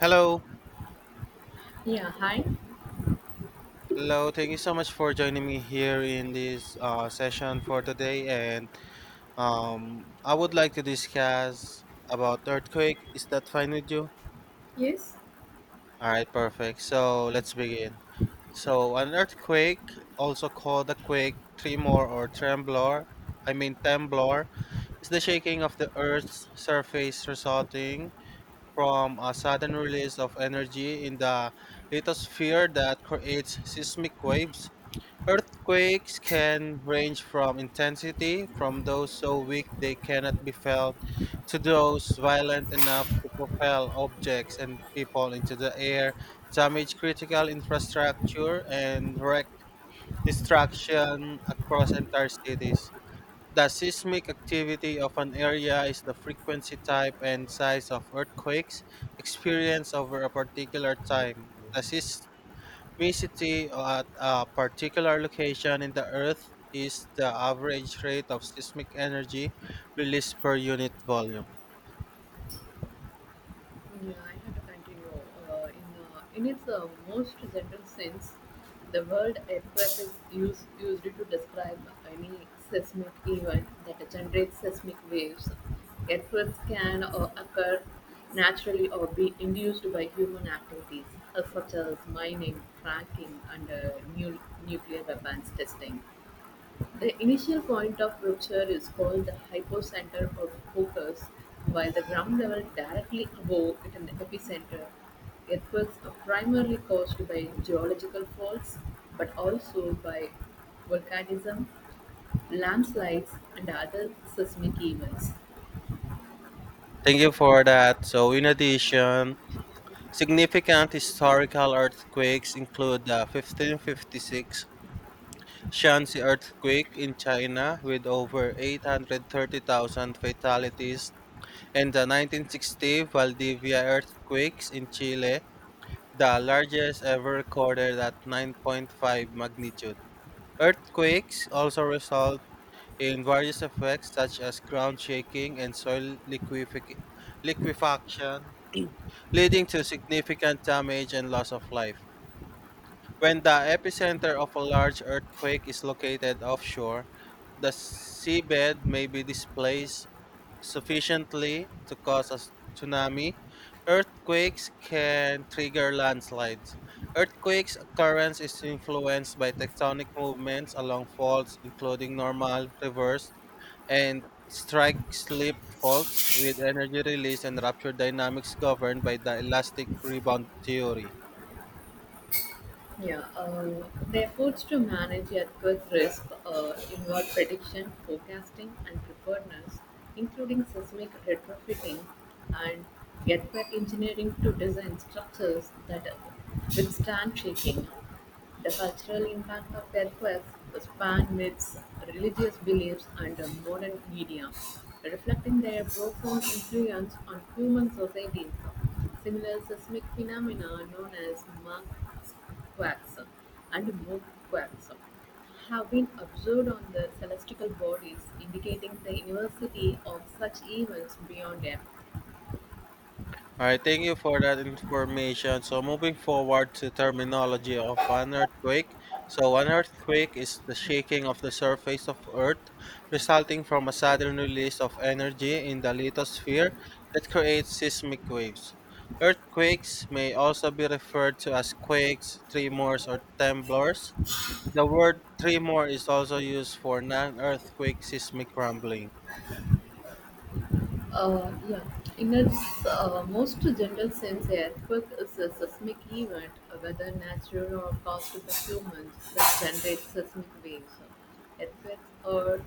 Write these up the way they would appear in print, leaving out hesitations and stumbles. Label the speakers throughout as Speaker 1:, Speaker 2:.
Speaker 1: Hello.
Speaker 2: Yeah, hi.
Speaker 1: Hello, thank you so much for joining me here in this session for today. And I would like to discuss about earthquake. Is that fine with you?
Speaker 2: Yes.
Speaker 1: All right, perfect. So let's begin. So an earthquake, also called a quake, tremor, or tremblor, I mean temblor, is the shaking of the Earth's surface resulting from a sudden release of energy in the lithosphere that creates seismic waves. Earthquakes can range from intensity, from those so weak they cannot be felt, to those violent enough to propel objects and people into the air, damage critical infrastructure, and wreak destruction across entire cities. The seismic activity of an area is the frequency, type, and size of earthquakes experienced over a particular time. Seismicity at a particular location in the Earth is the average rate of seismic energy released per unit volume.
Speaker 2: Yeah, I have to continue. In its most general sense, the word earthquake is used to describe any seismic event that generates seismic waves. Earthquakes can occur naturally or be induced by human activities, such as mining, fracking, and nu- nuclear weapons testing. The initial point of rupture is called the hypocenter or focus, while the ground level directly above it in the epicenter. Earthquakes are primarily caused by geological faults, but also by volcanism, landslides, and other seismic events.
Speaker 1: Thank you for that. So, in addition, significant historical earthquakes include the 1556 Shanxi earthquake in China with over 830,000 fatalities, and the 1960 Valdivia earthquakes in Chile, the largest ever recorded at 9.5 magnitude. Earthquakes also result in various effects such as ground shaking and soil liquefaction, leading to significant damage and loss of life. When the epicenter of a large earthquake is located offshore, the seabed may be displaced sufficiently to cause a tsunami. Earthquakes can trigger landslides. Earthquakes' occurrence is influenced by tectonic movements along faults, including normal, reverse, and strike slip faults, with energy release and rupture dynamics governed by the elastic rebound theory.
Speaker 2: Yeah, the efforts to manage earthquake risk involve prediction, forecasting, and preparedness, including seismic retrofitting and earthquake engineering to design structures that withstand shaking. The cultural impact of earthquakes span myths, religious beliefs, and modern media, reflecting their profound influence on human societies. Similar seismic phenomena known as Mach quarks and more quarks have been observed on the celestial bodies, indicating the universality of such events beyond Earth.
Speaker 1: All right, thank you for that information. So, moving forward to terminology of an earthquake. So, an earthquake is the shaking of the surface of Earth resulting from a sudden release of energy in the lithosphere that creates seismic waves. Earthquakes may also be referred to as quakes, tremors, or temblors. The word tremor is also used for non earthquake seismic rumbling.
Speaker 2: Yeah, in its most general sense, a earthquake is a seismic event, whether natural or caused by humans, that generates seismic waves. Earthquakes are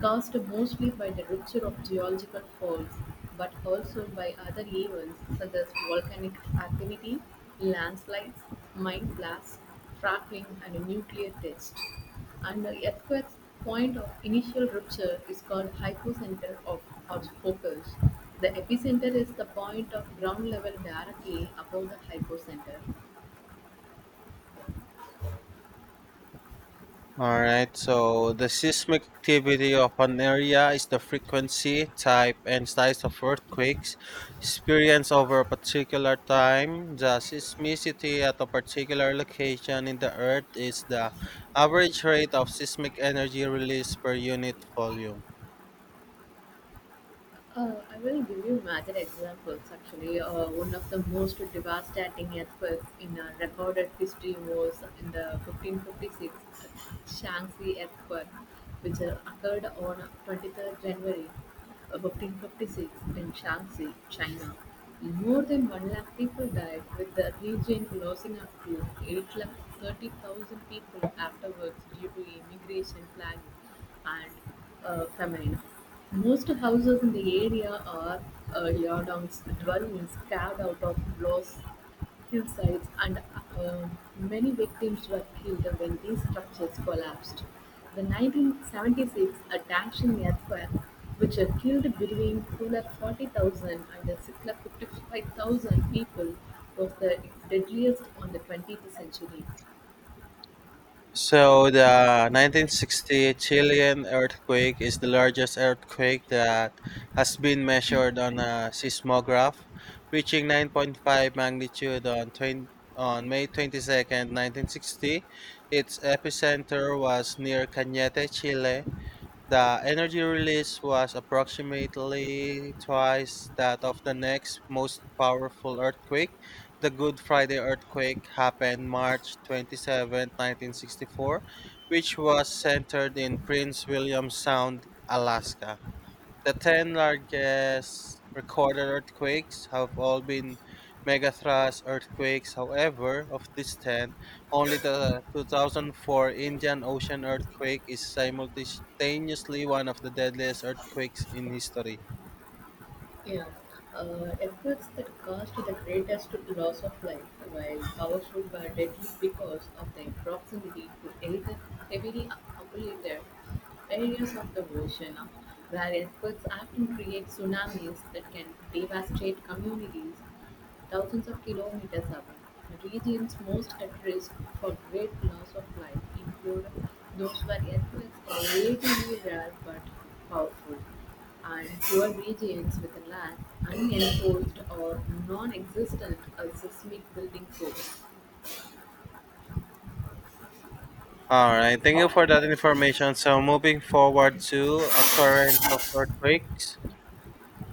Speaker 2: caused mostly by the rupture of geological faults, but also by other events such as volcanic activity, landslides, mine blasts, fracking, and nuclear tests. And the earthquake's point of initial rupture is called hypocenter of or focus. The epicenter is the point of ground level directly above the hypocenter.
Speaker 1: All right, so the seismic activity of an area is the frequency, type, and size of earthquakes experienced over a particular time. The seismicity at a particular location in the earth is the average rate of seismic energy released per unit volume.
Speaker 2: I will give you major examples. Actually, one of the most devastating earthquakes in recorded history was in the 1556 Shaanxi earthquake, which occurred on 23rd January 1556 in Shaanxi, China. More than 1 lakh people died, with the region losing up to 8 lakh 30,000 people afterwards due to immigration planning and feminine. Most houses in the area are uh, yardangs, dwellings carved out of blocks, hillsides, and uh, many victims were killed when these structures collapsed. The 1976 a Dangshin earthquake, which had killed between 240,000 and 655,000 people, was the deadliest on the 20th century.
Speaker 1: So the 1960 Chilean earthquake is the largest earthquake that has been measured on a seismograph, reaching 9.5 magnitude on May 22nd, 1960. Its epicenter was near Cañete, Chile. The energy release was approximately twice that of the next most powerful earthquake. The Good Friday earthquake happened March 27, 1964, which was centered in Prince William Sound, Alaska. The 10 largest recorded earthquakes have all been megathrust earthquakes. However, of these 10, only the 2004 Indian Ocean earthquake is simultaneously one of the deadliest earthquakes in history.
Speaker 2: Yeah, efforts that caused the greatest loss of life, while powerful were deadly because of their proximity to heavily populated areas of the ocean, where earthquakes often create tsunamis that can devastate communities thousands of kilometers away. The regions most at risk for great loss of life include those where earthquakes are relatively rare but powerful and poor regions with a lack, unenforced or non-existent a seismic building code.
Speaker 1: All right, thank you for that information. So, moving forward to occurrence of earthquakes.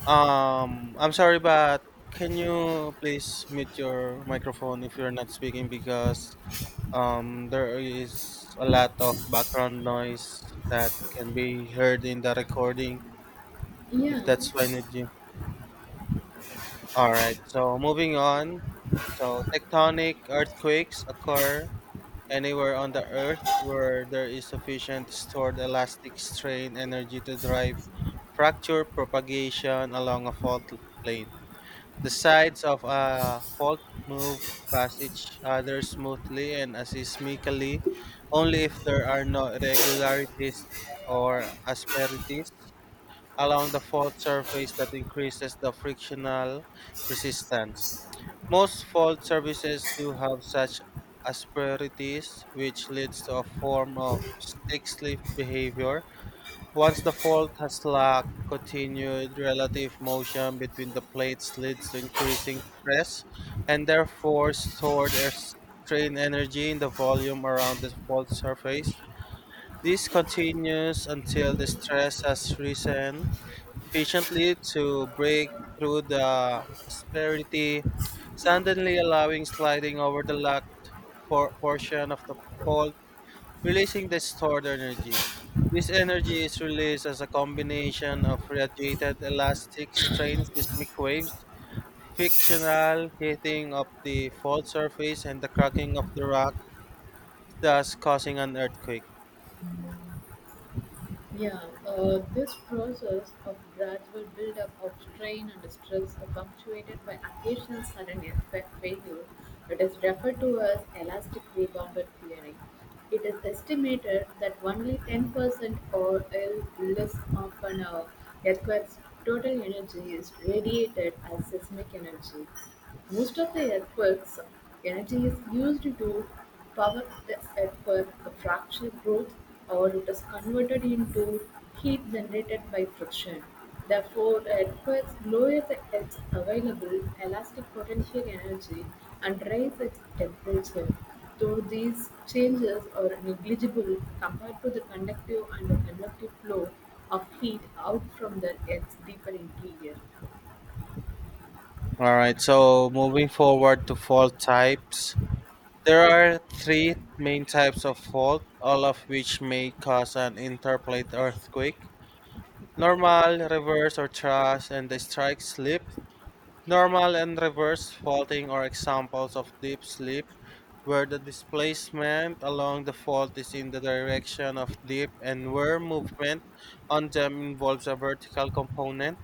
Speaker 1: I'm sorry, but can you please mute your microphone if you're not speaking, because there is a lot of background noise that can be heard in the recording,
Speaker 2: Yeah.
Speaker 1: if that's fine with you. All right, so moving on. So, tectonic earthquakes occur anywhere on the earth where there is sufficient stored elastic strain energy to drive fracture propagation along a fault line. The sides of a fault move past each other smoothly and aseismically, only if there are no irregularities or asperities along the fault surface that increases the frictional resistance. Most fault surfaces do have such asperities, which leads to a form of stick slip behavior. Once the fault has locked, continued relative motion between the plates leads to increasing stress and therefore stored air strain energy in the volume around the fault surface. This continues until the stress has risen sufficiently to break through the asperity, suddenly allowing sliding over the locked portion of the fault, releasing the stored energy. This energy is released as a combination of radiated elastic strain seismic waves, frictional heating of the fault surface, and the cracking of the rock, thus causing an earthquake.
Speaker 2: Yeah, this process of gradual buildup of strain and stress are punctuated by occasional sudden effect failure that is referred to as elastic rebounder theory. It is estimated that only 10% or less of an earthquake's total energy is radiated as seismic energy. Most of the earthquakes energy is used to power the earthquake, the fracture growth, or it is converted into heat generated by friction. Therefore, it requires lowers its available elastic potential energy and raises its temperature. Though these changes are negligible compared to the conductive and the convective flow of heat out from the Earth's deeper interior,
Speaker 1: All right, so moving forward to fault types. There are three main types of fault, all of which may cause an interplate earthquake: normal, reverse, or thrust, and the strike slip. Normal and reverse faulting are examples of deep slip, where the displacement along the fault is in the direction of dip and where movement on them involves a vertical component.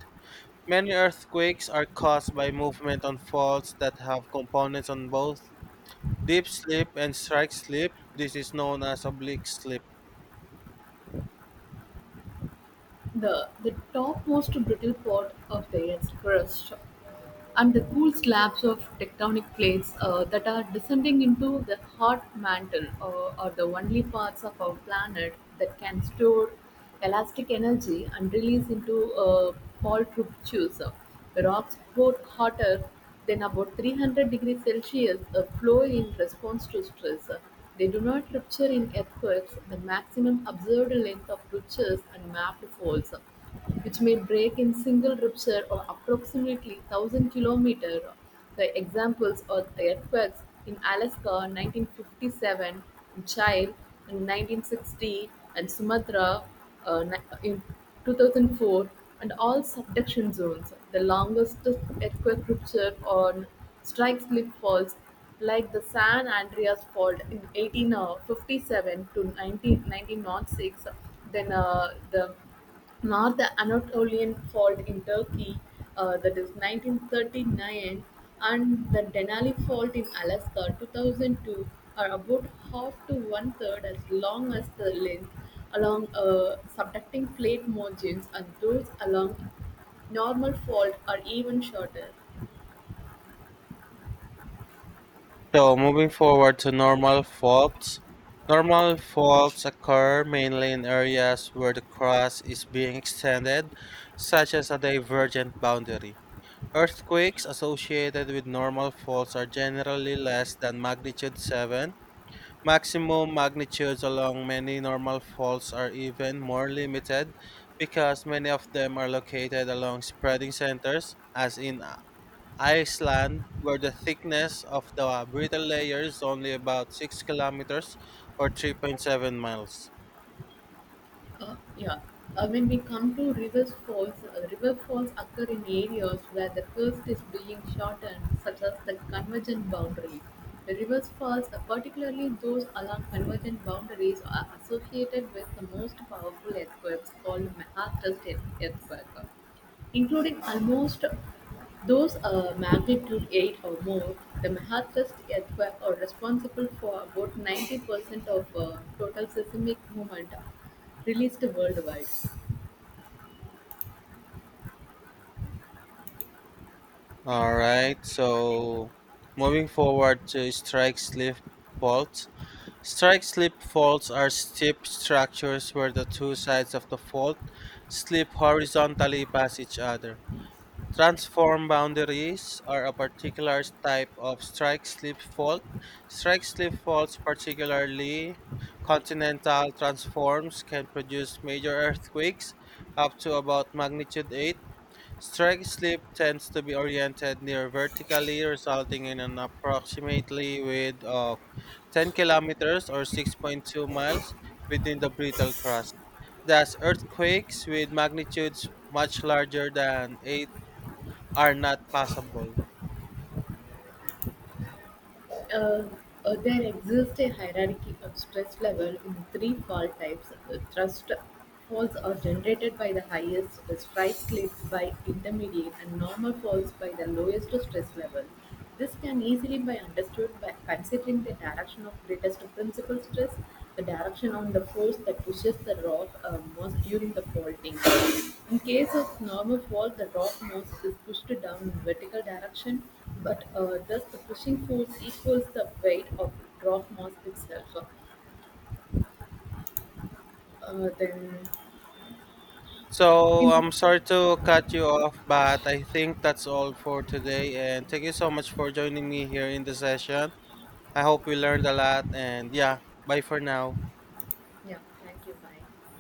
Speaker 1: Many earthquakes are caused by movement on faults that have components on both deep slip and strike slip. This is known as oblique slip.
Speaker 2: the topmost brittle part of the Earth's crust and the cool slabs of tectonic plates that are descending into the hot mantle are the only parts of our planet that can store elastic energy and release into Paul Trubb's shoes. The rocks got hotter then about 300 degrees Celsius a flow in response to stress. They do not rupture in earthquakes. The maximum observed length of ruptures and mapped faults, which may break in single rupture or approximately 1,000 km, the examples are the earthquakes in Alaska (1957), in Chile (1960), and Sumatra uh, ni- in 2004, and all subduction zones. The longest earthquake rupture on strike slip faults, like the San Andreas fault in 1857 to 19, 96, then the North Anatolian Fault in Turkey, that is 1939, and the Denali Fault in Alaska, 2002, are about half to one third as long as the length along subducting plate margins, and those along normal fault are even shorter.
Speaker 1: So moving forward to normal faults occur mainly in areas where the crust is being extended, such as a divergent boundary. Earthquakes associated with normal faults are generally less than magnitude 7. Maximum magnitudes along many normal faults are even more limited because many of them are located along spreading centers, as in Iceland, where the thickness of the brittle layer is only about 6 kilometers or 3.7 miles.
Speaker 2: Yeah. When we come to river falls occur in areas where the coast is being shortened, such as the convergent boundary. The river falls, particularly those along convergent boundaries, are associated with the most powerful earthquakes called Mahatrust earthquake. Including almost those a magnitude 8 or more, the Mahatrust earthquake are responsible for about 90% of total seismic movement released worldwide.
Speaker 1: All right, so moving forward to strike slip faults. Strike slip faults are steep structures where the two sides of the fault slip horizontally past each other. Transform boundaries are a particular type of strike-slip fault. Strike-slip faults, particularly continental transforms, can produce major earthquakes up to about magnitude 8. Strike-slip tends to be oriented near vertically, resulting in an approximately width of 10 kilometers or 6.2 miles within the brittle crust. Thus, earthquakes with magnitudes much larger than eight are not possible.
Speaker 2: uh, there exists a hierarchy of stress level in three fault types. Thrust faults are generated by the highest, strike slips by intermediate, and normal faults by the lowest stress level. This can easily be understood by considering the direction of greatest principal stress, the direction on the force that pushes the rock most during the faulting. In case of normal fault, the rock mass is pushed down in vertical direction, but does the pushing force equals the weight of the drop mass itself. So, then,
Speaker 1: So
Speaker 2: in
Speaker 1: I'm sorry to cut you off, but I think that's all for today. And thank you so much for joining me here in the session. I hope we learned a lot. And yeah, bye for now.
Speaker 2: yeah, thank you. Bye.